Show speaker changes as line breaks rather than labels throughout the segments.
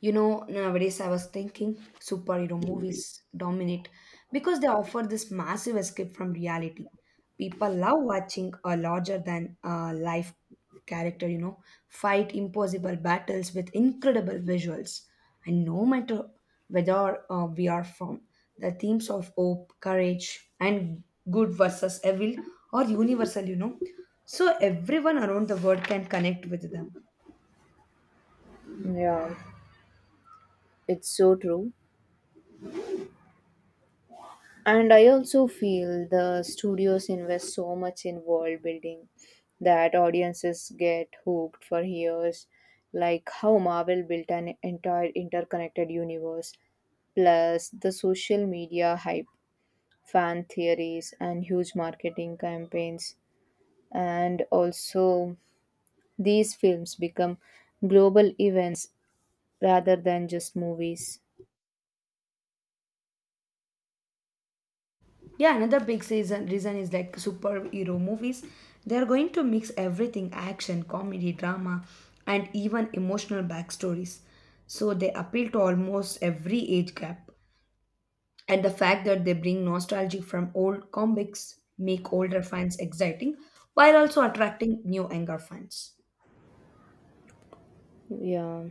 You know, nowadays I was thinking superhero movies dominate because they offer this massive escape from reality. People love watching a larger than life character, you know, fight impossible battles with incredible visuals. And no matter whether we are from the themes of hope, courage, and good versus evil are universal, you know. So everyone around the world can connect with them.
Yeah, it's so true. And I also feel the studios invest so much in world building that audiences get hooked for years, like how Marvel built an entire interconnected universe, plus the social media hype, fan theories, and huge marketing campaigns. And also, these films become global events rather than just movies.
Yeah, another big season reason is like superhero movies. They're going to mix everything action, comedy, drama, and even emotional backstories. So they appeal to almost every age gap. And the fact that they bring nostalgia from old comics make older fans exciting while also attracting new younger fans.
Yeah.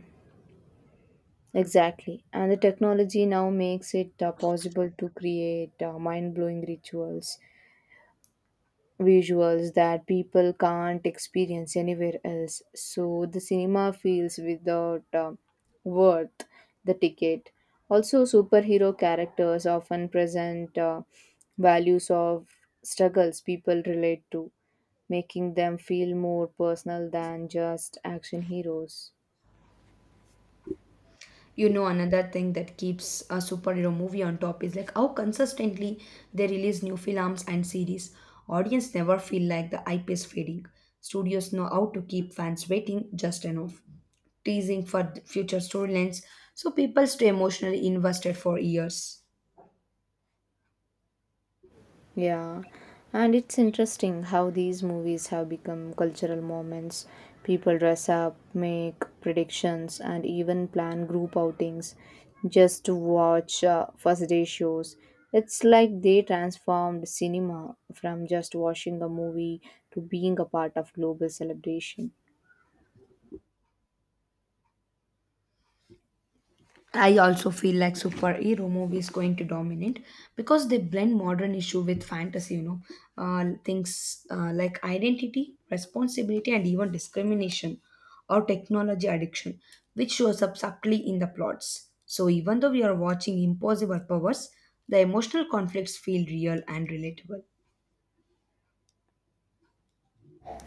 Exactly. And the technology now makes it possible to create mind blowing rituals, visuals that people can't experience anywhere else. So the cinema feels without worth the ticket. Also, superhero characters often present values of struggles people relate to, making them feel more personal than just action heroes.
You know, another thing that keeps a superhero movie on top is like how consistently they release new films and series. Audience never feel like the ip is fading. Studios know how to keep fans waiting just enough, teasing for future storylines, so people stay emotionally invested for years.
Yeah, and it's interesting how these movies have become cultural moments. People dress up, make predictions, and even plan group outings just to watch first day shows. It's like they transformed cinema from just watching a movie to being a part of global celebration.
I also feel like superhero movies going to dominate because they blend modern issue with fantasy. You know, things like identity, responsibility, and even discrimination or technology addiction, which shows up subtly in the plots. So even though we are watching impossible powers, the emotional conflicts feel real and relatable.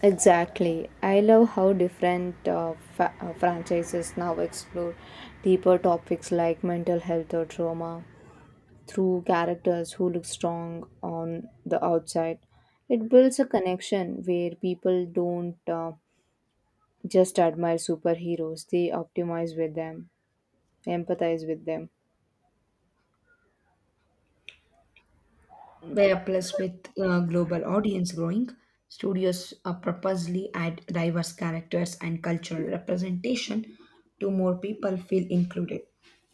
Exactly. I love how different franchises now explore deeper topics like mental health or trauma through characters who look strong on the outside. It builds a connection where people don't just admire superheroes, they optimize with them, empathize with them.
Where plus with global audience growing, studios purposely add diverse characters and cultural representation to more people feel included.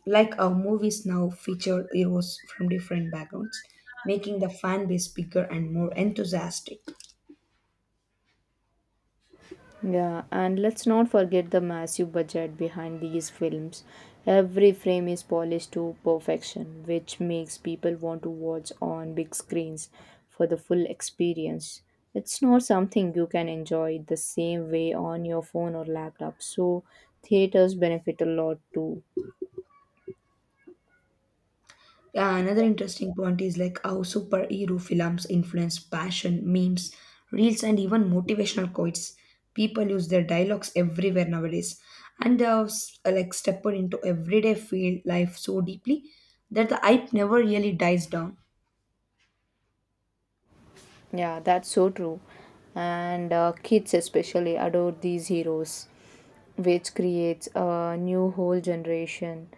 Like our movies now feature heroes from different backgrounds, making the fan base bigger and more enthusiastic.
Yeah, and let's not forget the massive budget behind these films. Every frame is polished to perfection, which makes people want to watch on big screens for the full experience. It's not something you can enjoy the same way on your phone or laptop, so theaters benefit a lot too.
Yeah, another interesting point is like how superhero films influence passion, memes, reels, and even motivational quotes. People use their dialogues everywhere nowadays, and they have like stepped into everyday field life so deeply that the hype never really dies down.
Yeah, that's so true. And kids especially adore these heroes, which creates a new whole generation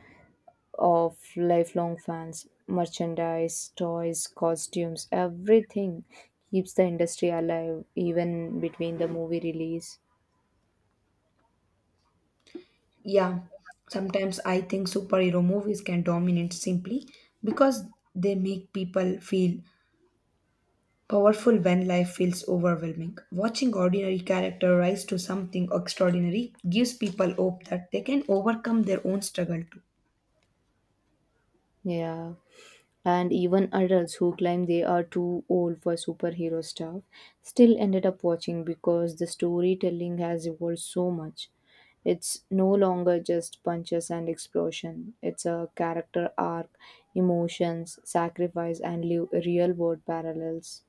of lifelong fans, merchandise, toys, costumes, everything keeps the industry alive even between the movie release.
Yeah, sometimes I think superhero movies can dominate simply because they make people feel powerful when life feels overwhelming. Watching ordinary character rise to something extraordinary gives people hope that they can overcome their own struggle too.
Yeah. And even adults who claim they are too old for superhero stuff still ended up watching because the storytelling has evolved so much. It's no longer just punches and explosion. It's a character arc, emotions, sacrifice, and real world parallels.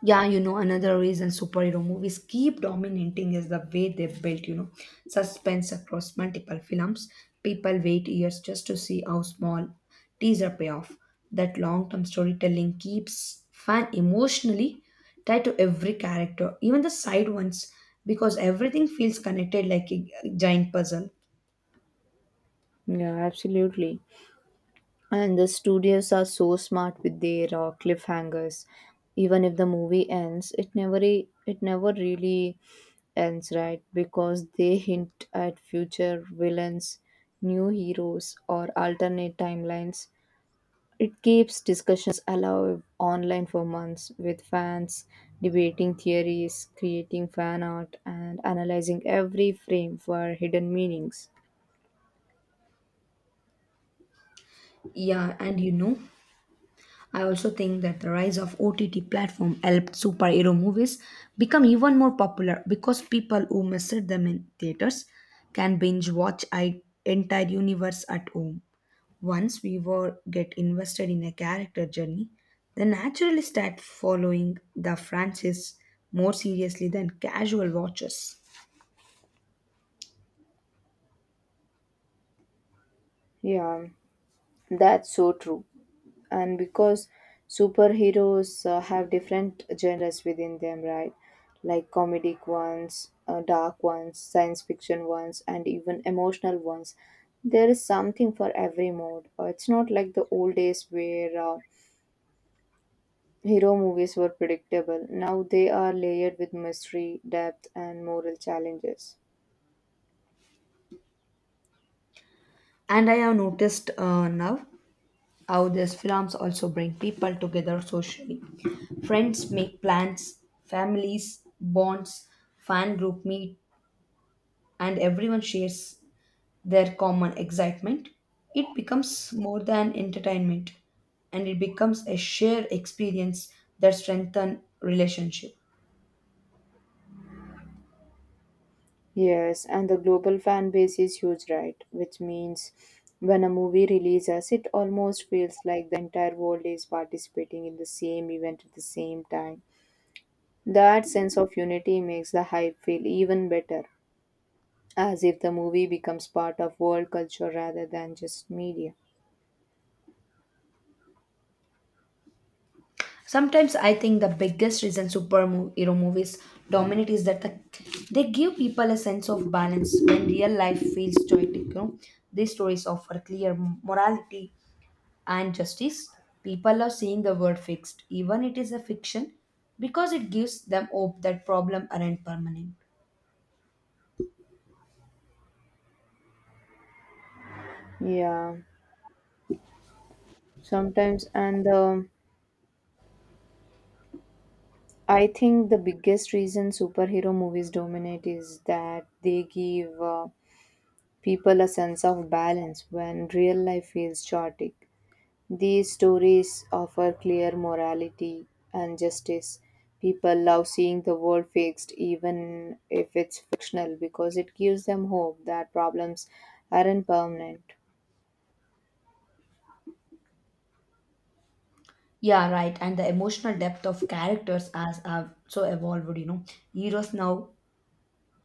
Yeah, you know, another reason superhero movies keep dominating is the way they're built, you know, suspense across multiple films. People wait years just to see how small teaser payoff. That long term storytelling keeps fan emotionally tied to every character, even the side ones, because everything feels connected like a giant puzzle.
Yeah, absolutely. And the studios are so smart with their cliffhangers. Even if the movie ends, it never really ends, right? Because they hint at future villains, new heroes, or alternate timelines. It keeps discussions alive online for months with fans debating theories, creating fan art, and analyzing every frame for hidden meanings.
Yeah, and you know, I also think that the rise of OTT platform helped superhero movies become even more popular because people who missed them in theaters can binge watch an entire universe at home. Once we were get invested in a character journey, they naturally start following the franchise more seriously than casual watchers.
Yeah, that's so true. And because superheroes have different genres within them, right, like comedic ones, dark ones, science fiction ones, and even emotional ones, there is something for every mode. It's not like the old days where hero movies were predictable. Now they are layered with mystery, depth, and moral challenges.
And I have noticed now how these films also bring people together socially. Friends make plans, families, bonds, fan group meet, and everyone shares their common excitement. It becomes more than entertainment and it becomes a shared experience that strengthen relationship.
Yes, and the global fan base is huge, right? Which means when a movie releases, it almost feels like the entire world is participating in the same event at the same time. That sense of unity makes the hype feel even better, as if the movie becomes part of world culture rather than just media.
Sometimes I think the biggest reason superhero movies dominate is that they give people a sense of balance when real life feels chaotic. You know, these stories offer clear morality and justice. People are seeing the word fixed, even it is a fiction, because it gives them hope that problems aren't permanent.
Yeah, sometimes, and I think the biggest reason superhero movies dominate is that they give people a sense of balance when real life feels chaotic. These stories offer clear morality and justice. People love seeing the world fixed, even if it's fictional, because it gives them hope that problems aren't permanent.
Yeah, right. And the emotional depth of characters has have so evolved. You know, heroes now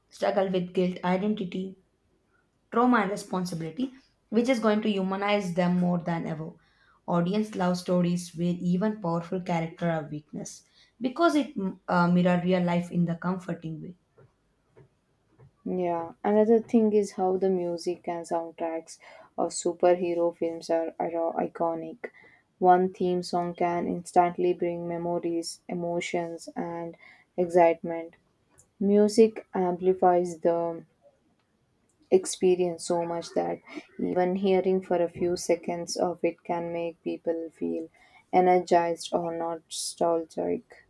struggle with guilt, identity, trauma and responsibility, which is going to humanize them more than ever. Audience love stories where even powerful character are weakness because it mirror real life in the comforting way.
Yeah, another thing is how the music and soundtracks of superhero films are iconic. One theme song can instantly bring memories, emotions, and excitement. Music amplifies the experience so much that even hearing for a few seconds of it can make people feel energized or nostalgic.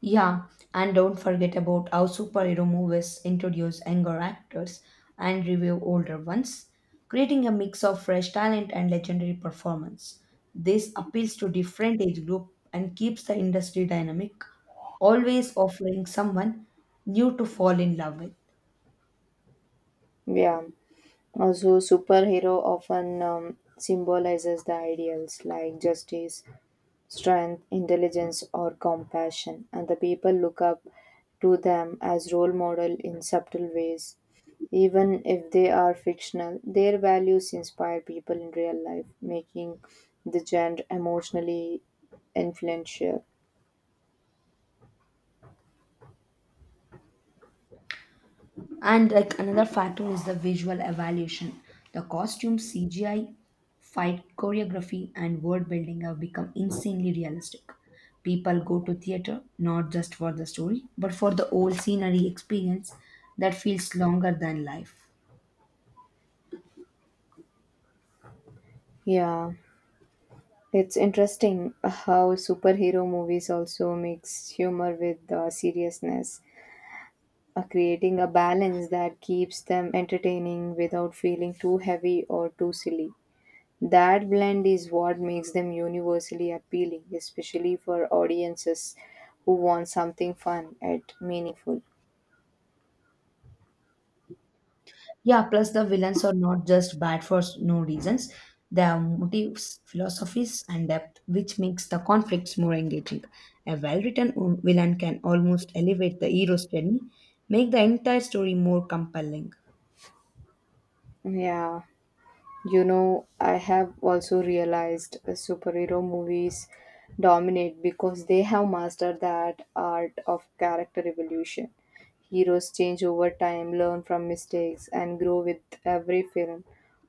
Yeah, and don't forget about how superhero movies introduce younger actors and review older ones, creating a mix of fresh talent and legendary performance. This appeals to different age group and keeps the industry dynamic, always offering someone new to fall in love with.
Yeah. Also, superhero often symbolizes the ideals like justice, strength, intelligence, or compassion, and the people look up to them as role model in subtle ways. Even if they are fictional, their values inspire people in real life, making the genre emotionally influential.
And like another factor is the visual evaluation. The costumes, CGI, fight choreography, and world building have become insanely realistic. People go to theater not just for the story, but for the old scenery experience that feels longer than life.
Yeah, it's interesting how superhero movies also mix humor with seriousness, creating a balance that keeps them entertaining without feeling too heavy or too silly. That blend is what makes them universally appealing, especially for audiences who want something fun and meaningful.
Yeah, plus the villains are not just bad for no reasons. They have motives, philosophies, and depth, which makes the conflicts more engaging. A well written villain can almost elevate the hero's journey, make the entire story more compelling.
Yeah. You know, I have also realized superhero movies dominate because they have mastered that art of character evolution. Heroes change over time, learn from mistakes, and grow with every film.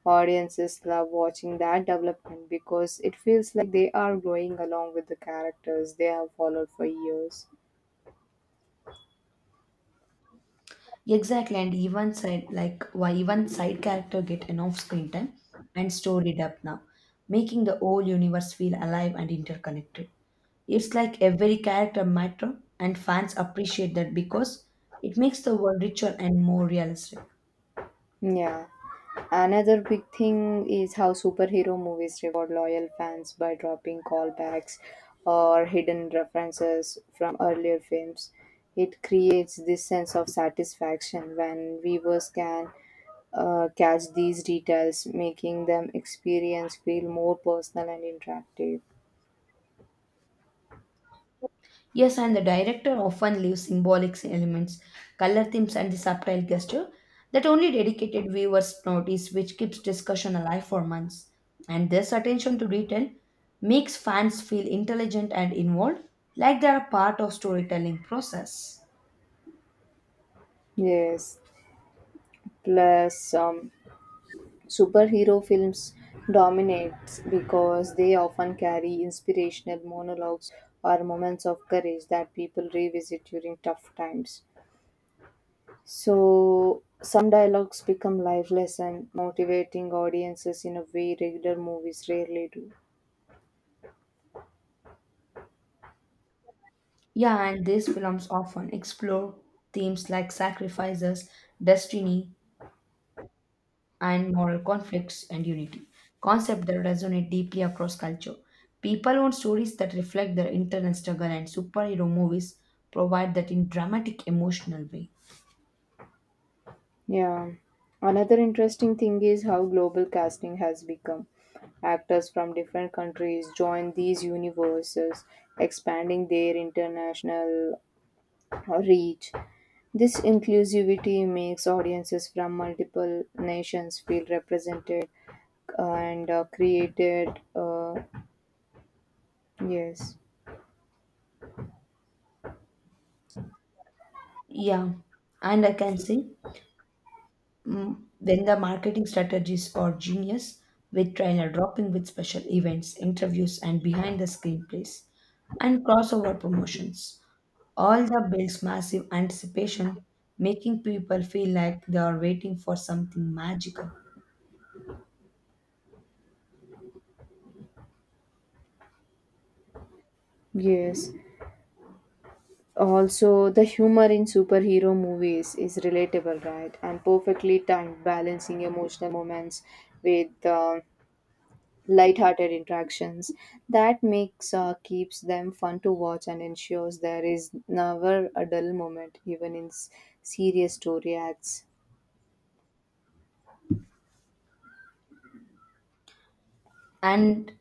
Audiences love watching that development because it feels like they are growing along with the characters they have followed for years.
Exactly, and even side like why even side character get enough screen time and storied up now, making the whole universe feel alive and interconnected. It's like every character matter and fans appreciate that because it makes the world richer and more realistic.
Yeah. Another big thing is how superhero movies reward loyal fans by dropping callbacks or hidden references from earlier films. It creates this sense of satisfaction when viewers can catch these details, making them experience feel more personal and interactive.
Yes, and the director often leaves symbolic elements, color themes, and the subtle gesture that only dedicated viewers notice, which keeps discussion alive for months. And this attention to detail makes fans feel intelligent and involved, like they are a part of storytelling process.
Yes, plus superhero films dominates because they often carry inspirational monologues or moments of courage that people revisit during tough times. So some dialogues become life lesson, motivating audiences in a way regular movies rarely do.
Yeah, and these films often explore themes like sacrifices, destiny, and moral conflicts and unity, concept that resonate deeply across culture. People want stories that reflect their internal struggle, and superhero movies provide that in dramatic, emotional way.
Yeah. Another interesting thing is how global casting has become. Actors from different countries join these universes, expanding their international reach. This inclusivity makes audiences from multiple nations feel represented and created. Uh, yes,
Yeah, and I can say then the marketing strategies are genius with trailer dropping with special events, interviews, and behind the screenplays and crossover promotions. All that builds massive anticipation, making people feel like they are waiting for something magical.
yes. Also, the humor in superhero movies is relatable, right? And perfectly timed, balancing emotional moments with light-hearted interactions. That makes keeps them fun to watch and ensures there is never a dull moment, even in serious story acts.
and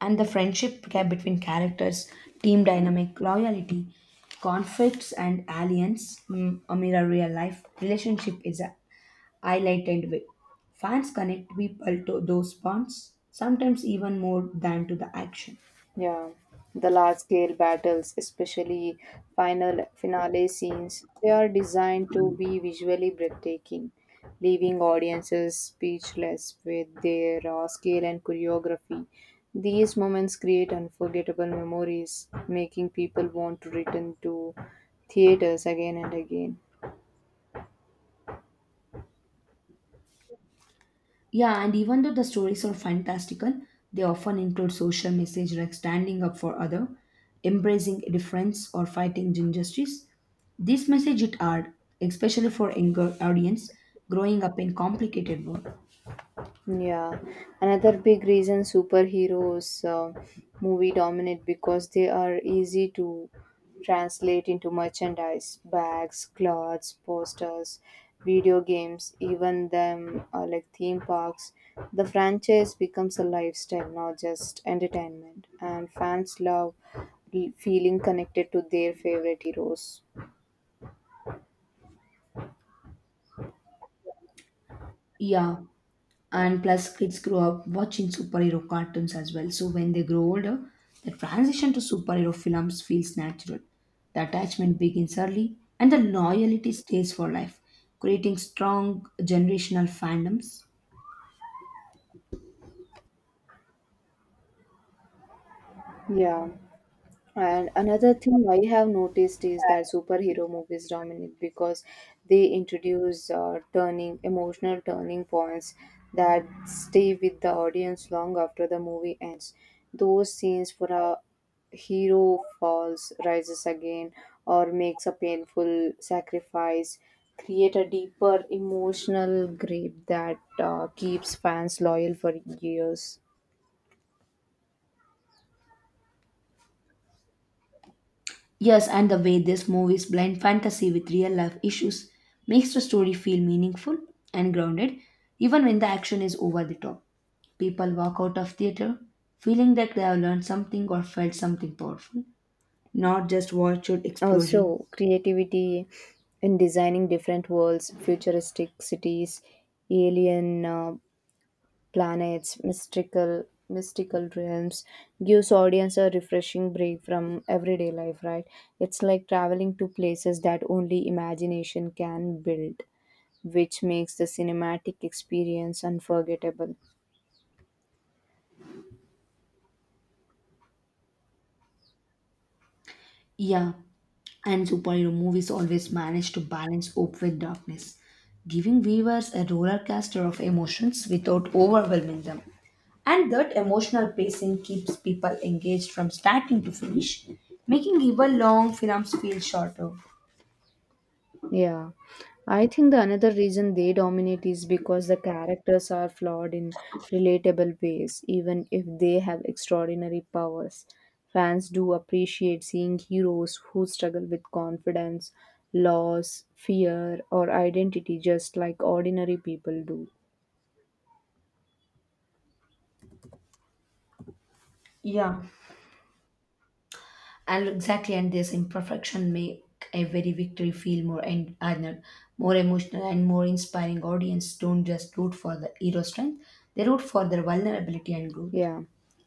and the friendship gap between characters, team dynamic, loyalty, conflicts and alliance, a mirror real life relationship is a highlighted way fans connect people to those bonds sometimes even more than to the action.
Yeah, the large scale battles, especially finale scenes, they are designed to be visually breathtaking, leaving audiences speechless with their raw scale and choreography. These moments create unforgettable memories, making people want to return to theaters again and again.
Yeah, and even though the stories are fantastical, they often include social message like standing up for other, embracing difference, or fighting injustice. This message it hard, especially for younger audience growing up in complicated world.
Yeah, another big reason superheroes movie dominate because they are easy to translate into merchandise, bags, clothes, posters, video games, even them like theme parks. The franchise becomes a lifestyle, not just entertainment, and fans love feeling connected to their favorite heroes.
Yeah, and plus kids grow up watching superhero cartoons as well. So when they grow older, the transition to superhero films feels natural. The attachment begins early and the loyalty stays for life, creating strong generational fandoms.
Yeah. And another thing I have noticed is that superhero movies dominate because they introduce turning emotional turning points that stay with the audience long after the movie ends. Those scenes for a hero falls, rises again, or makes a painful sacrifice create a deeper emotional grip that keeps fans loyal for years.
Yes, and the way these movies blend fantasy with real life issues makes the story feel meaningful and grounded, even when the action is over the top. People walk out of theater feeling that they have learned something or felt something powerful, not just virtual explosion.
Also, creativity in designing different worlds, futuristic cities, alien planets, mystical realms gives audience a refreshing break from everyday life, right? It's like traveling to places that only imagination can build, which makes the cinematic experience unforgettable.
Yeah, and superhero movies always manage to balance hope with darkness, giving viewers a roller coaster of emotions without overwhelming them. And that emotional pacing keeps people engaged from starting to finish, making even long films feel shorter.
Yeah, I think the another reason they dominate is because the characters are flawed in relatable ways, even if they have extraordinary powers. Fans do appreciate seeing heroes who struggle with confidence, loss, fear, or identity just like ordinary people do.
Yeah, and exactly and this imperfection make every victory feel more and honored, more emotional and more inspiring. Audience don't just root for the hero strength, they root for their vulnerability and growth.
Yeah,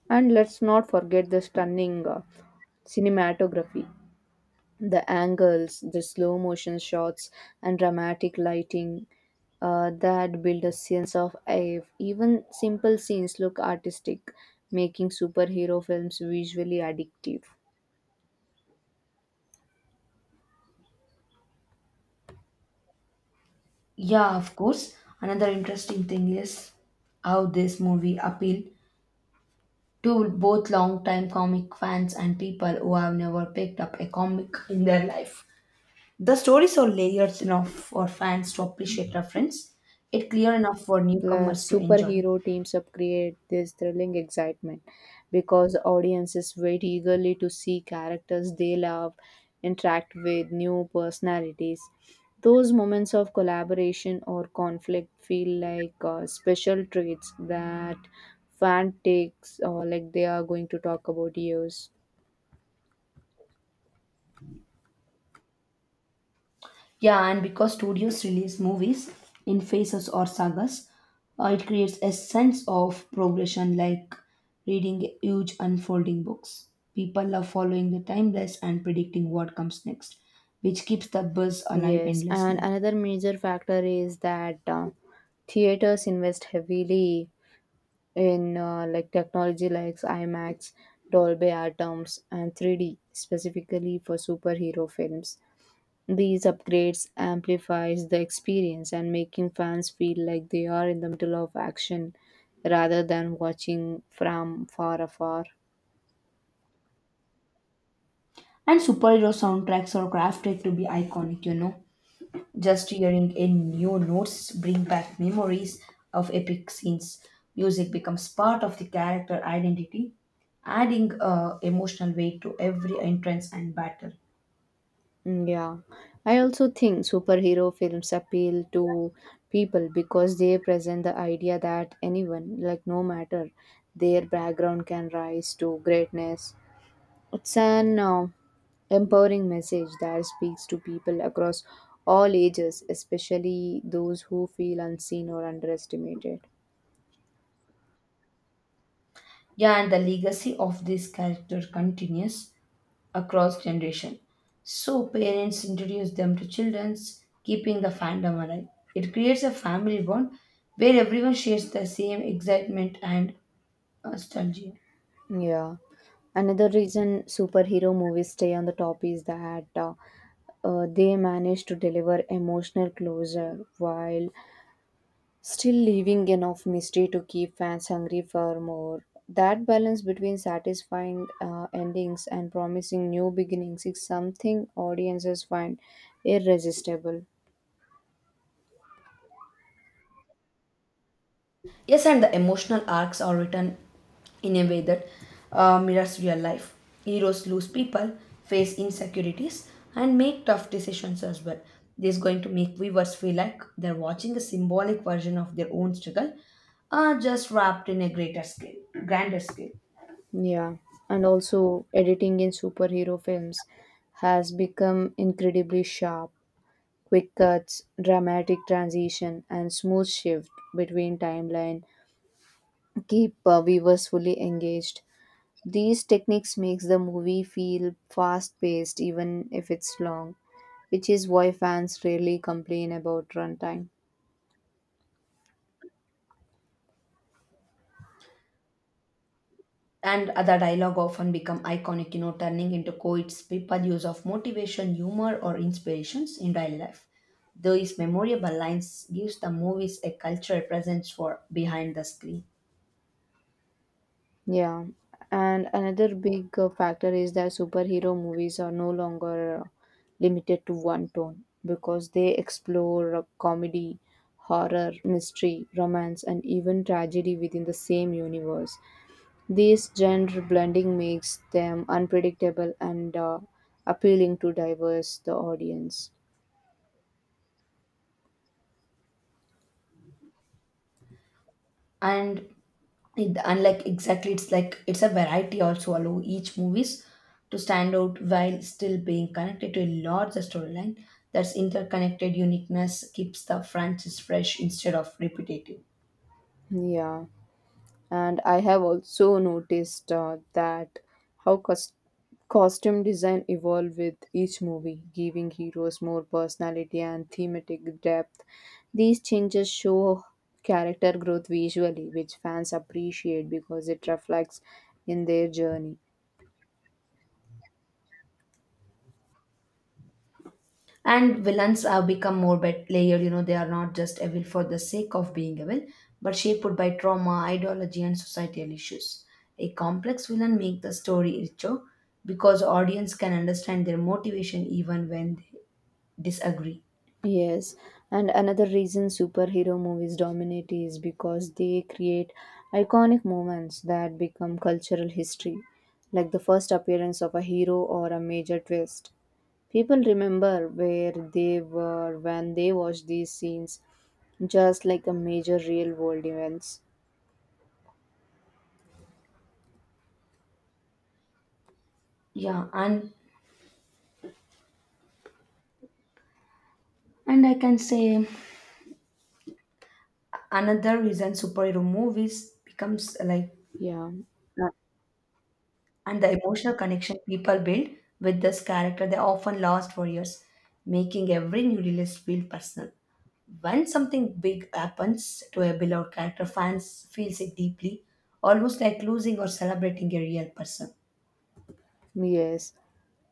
and let's not forget the stunning cinematography. The angles, the slow motion shots, and dramatic lighting that build a sense of awe. Even simple scenes look artistic, making superhero films visually addictive.
Yeah, of course another interesting thing is how this movie appealed to both long-time comic fans and people who have never picked up a comic in their life. The stories are layered enough for fans to appreciate reference, it clear enough for
Plus,
newcomers to enjoy.
superhero teams up create this thrilling excitement because audiences wait eagerly to see characters they love interact with new personalities. Those moments of collaboration or conflict feel like special traits that fan takes, or like they are going to talk about years.
Yeah, and because studios release movies in phases or sagas, it creates a sense of progression like reading huge unfolding books. People love following the timeless and predicting what comes next, which keeps the buzz alive
Yes, and
endlessly.
another major factor is that theaters invest heavily in like technology like IMAX, Dolby Atmos, and 3D specifically for superhero films. These upgrades amplifies the experience and making fans feel like they are in the middle of action rather than watching from far afar.
And superhero soundtracks are crafted to be iconic, you know, just hearing a new notes bring back memories of epic scenes. Music becomes part of the character identity, adding emotional weight to every entrance and battle.
Mm, yeah, I also think superhero films appeal to people because they present the idea that anyone, like no matter their background, can rise to greatness. It's an empowering message that speaks to people across all ages, especially those who feel unseen or underestimated.
Yeah, and the legacy of this character continues across generation. So parents introduce them to children, keeping the fandom alive. It creates a family bond where everyone shares the same excitement and nostalgia.
Yeah. Another reason superhero movies stay on the top is that they manage to deliver emotional closure while still leaving enough mystery to keep fans hungry for more. That balance between satisfying endings and promising new beginnings is something audiences find irresistible.
Yes, and the emotional arcs are written in a way that mirrors real life. Heroes lose people, face insecurities, and make tough decisions as well. This is going to make viewers feel like they're watching a symbolic version of their own struggle, just wrapped in a grander scale.
Yeah, and also editing in superhero films has become incredibly sharp. Quick cuts, dramatic transition, and smooth shift between timeline keep viewers fully engaged. These techniques makes the movie feel fast-paced even if it's long, which is why fans rarely complain about runtime.
And the dialogue often become iconic, you know, turning into quotes people use of motivation humor or inspirations in daily life. Those memorable lines gives the movies a cultural presence for behind the screen.
Yeah, and another big factor is that superhero movies are no longer limited to one tone because they explore comedy, horror, mystery, romance, and even tragedy within the same universe. This genre blending makes them unpredictable and appealing to diverse the audience.
And it, unlike Exactly, it's like it's a variety also allow each movies to stand out while still being connected to a larger storyline. That's interconnected uniqueness keeps the franchise fresh instead of repetitive.
Yeah, and I have also noticed that how costume design evolve with each movie, giving heroes more personality and thematic depth. These changes show character growth visually, which fans appreciate because it reflects in their journey.
And villains have become more layered, you know, they are not just evil for the sake of being evil, but shaped by trauma, ideology, and societal issues. A complex villain makes the story richer because audience can understand their motivation even when they disagree.
Yes, and another reason superhero movies dominate is because they create iconic moments that become cultural history, like the first appearance of a hero or a major twist. People remember where they were when they watched these scenes, just like a major real world events.
Yeah, and I can say another reason superhero movies becomes like
Yeah. Uh,
And the emotional connection people build with this character they often last for years, making every new release feel personal. When something big happens to a beloved character, fans feels it deeply, almost like losing or celebrating a real person.
Yes,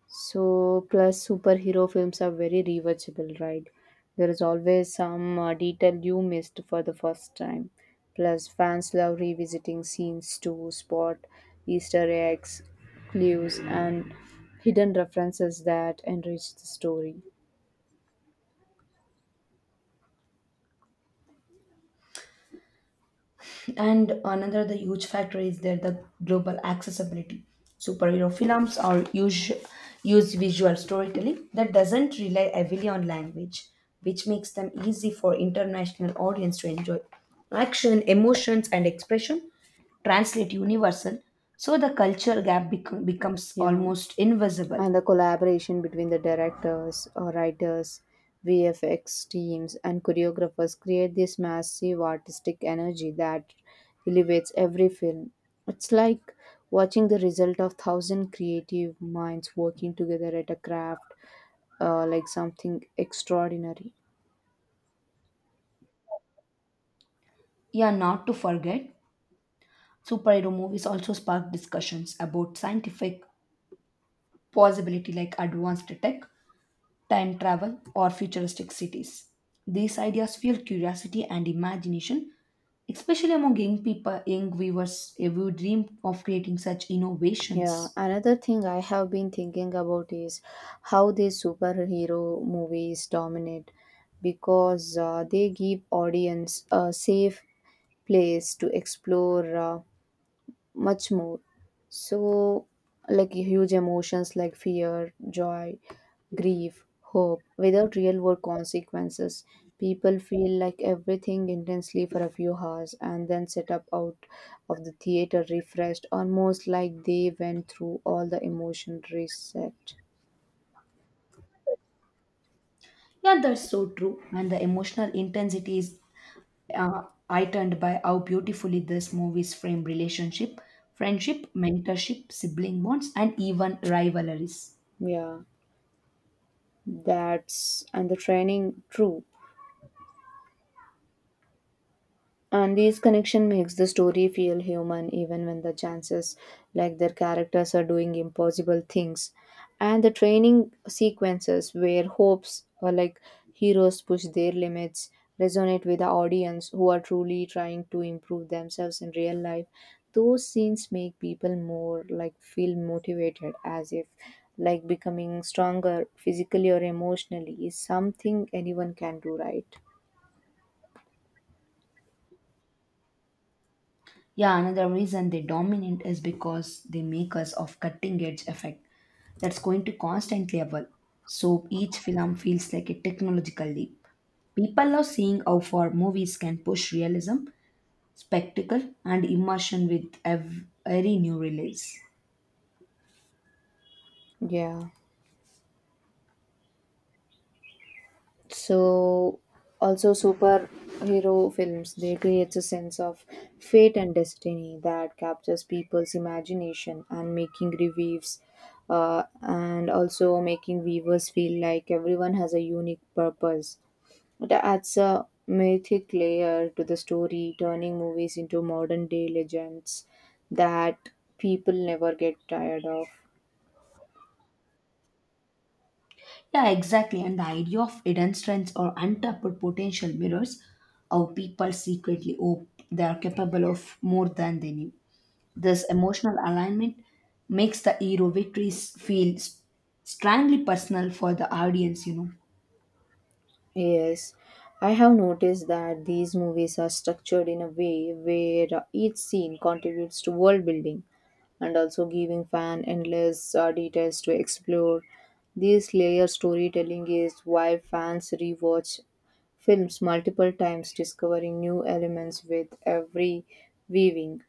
So, plus superhero films are very rewatchable, right? There is always some detail you missed for the first time. Plus, fans love revisiting scenes to spot Easter eggs, clues, and hidden references that enrich the story.
And another the huge factor is there the global accessibility. Superhero films use visual storytelling that doesn't rely heavily on language, which makes them easy for international audience to enjoy. Action, emotions, and expression translate universal, so the becomes
Yeah.
almost invisible.
And the collaboration between the directors, writers, VFX teams, and choreographers create this massive artistic energy that elevates every film. It's like watching the result of thousand creative minds working together at a craft, like something extraordinary.
Yeah, not to forget, superhero movies also spark discussions about scientific possibility like advanced tech, time travel, or futuristic cities. These ideas fuel curiosity and imagination, especially among young viewers who dream of creating such
Yeah,
innovations.
another thing I have been thinking about is how these superhero movies dominate because they give audience a safe place to explore much more. So, like huge emotions like fear, joy, grief, hope, without real world consequences. People feel like everything intensely for a few hours and then set up out of the theater refreshed, almost like they went through all the emotion reset.
Yeah, that's so true. And the emotional intensity is uh, heightened by how beautifully these movies frame relationship, friendship, mentorship, sibling bonds, and even rivalries.
Yeah, that's and the training, true. And these connection makes the story feel human even when the chances like their characters are doing impossible things. And the training sequences where hopes or like heroes push their limits resonate with the audience who are truly trying to improve themselves in real life. Those scenes make people more like feel motivated as if like becoming stronger physically or emotionally is something anyone can do right.
Yeah, another reason they dominate is because they make us of cutting edge effect that's going to constantly evolve. So each film feels like a technological leap. People love seeing how far movies can push realism, spectacle, and immersion with every new release.
Yeah. So also superhero films they creates a sense of fate and destiny that captures people's imagination and making reviews and also making viewers feel like everyone has a unique purpose. It adds a mythic layer to the story, turning movies into modern day legends that people never get tired of.
Yeah, exactly. And the idea of hidden strengths or untapped potential mirrors how people secretly hope they are capable of more than they knew. This emotional alignment makes the hero victories feel strongly personal for the audience, you know.
Yes, I have noticed that these movies are structured in a way where each scene contributes to world building and also giving fan endless details to explore. This layer storytelling is why fans rewatch films multiple times, discovering new elements with every viewing.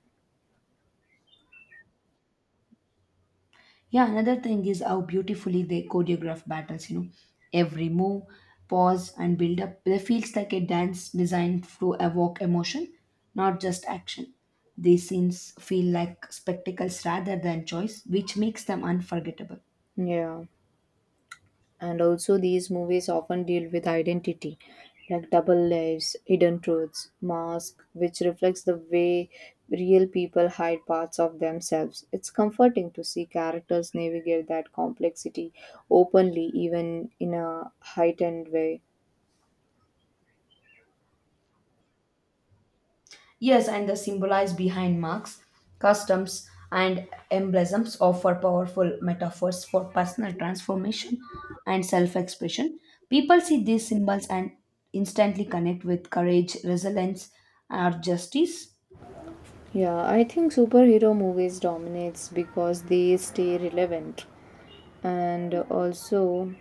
Yeah, another thing is how beautifully they choreograph battles, you know. Every move, pause, and build up, they feels like a dance designed to evoke emotion, not just action. These scenes feel like spectacles rather than choice, which makes them unforgettable.
Yeah. And also, these movies often deal with identity, like double lives, hidden truths, mask, which reflects the way real people hide parts of themselves. It's comforting to see characters navigate that complexity openly, even in a heightened way.
Yes, and the symbolize behind marks, customs, and emblems offer powerful metaphors for personal transformation and self expression. People see these symbols and instantly connect with courage, resilience, or justice.
Yeah, I think superhero movies dominates because they stay relevant and also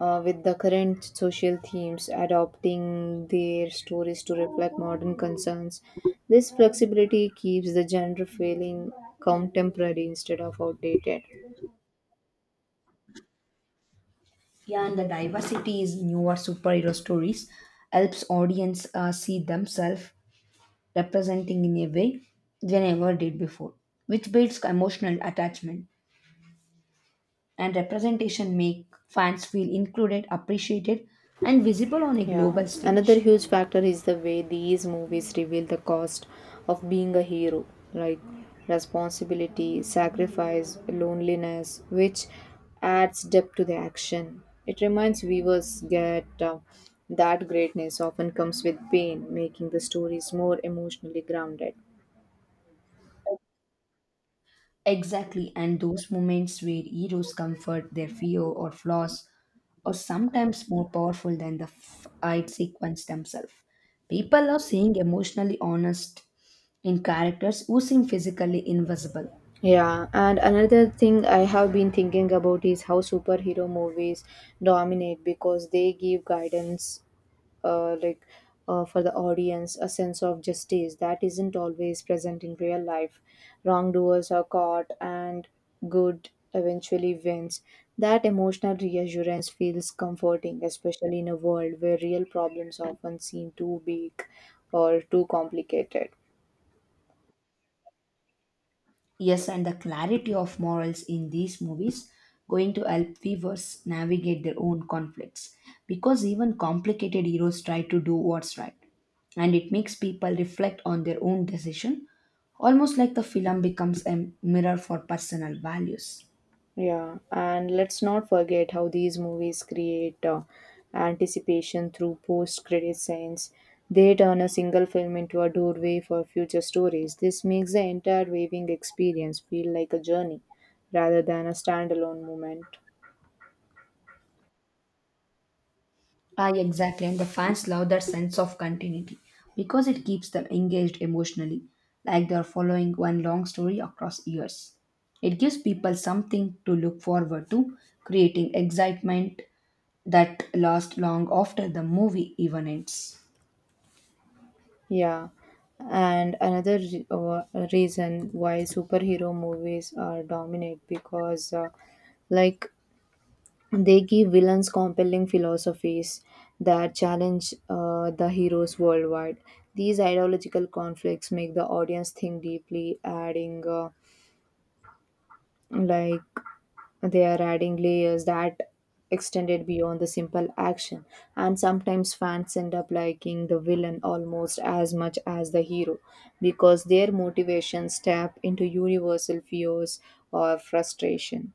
with the current social themes, adopting their stories to reflect modern concerns. This flexibility keeps the genre feeling contemporary instead of outdated.
Yeah, and the diversity is newer superhero stories helps audience see themselves representing in a way they never did before, which builds emotional attachment. And representation make fans feel included, appreciated, and visible on a
Yeah.
global
Another
stage.
huge factor is the way these movies reveal the cost of being a hero, like responsibility, sacrifice, loneliness, which adds depth to the action. It reminds viewers that greatness often comes with pain, making the stories more emotionally grounded.
Exactly, and those moments where heroes comfort their fear or flaws are sometimes more powerful than the fight sequence themselves. People are seeing emotionally honest in characters who seem physically invisible.
Yeah, and another thing I have been thinking about is how superhero movies dominate because they give guidance uh, like for the audience a sense of justice that isn't always present in real life. Wrongdoers are caught and good eventually wins. That emotional reassurance feels comforting, especially in a world where real problems often seem too big or too complicated.
Yes, and the clarity of morals in these movies going to help viewers navigate their own conflicts because even complicated heroes try to do what's right. And it makes people reflect on their own decision, almost like the film becomes a mirror for personal values.
Yeah, and let's not forget how these movies create anticipation through post-credit scenes. They turn a single film into a doorway for future stories. This makes the entire viewing experience feel like a journey rather than a standalone moment.
Ah, exactly. And the fans love that sense of continuity because it keeps them engaged emotionally, like they're following one long story across years. It gives people something to look forward to, creating excitement that lasts long after the movie even ends.
Yeah, and another reason why superhero movies are dominant because like they give villains compelling philosophies that challenge the heroes worldwide. These ideological conflicts make the audience think deeply, adding like they are adding layers that extended beyond the simple action. And sometimes fans end up liking the villain almost as much as the hero because their motivations tap into universal fears or frustration.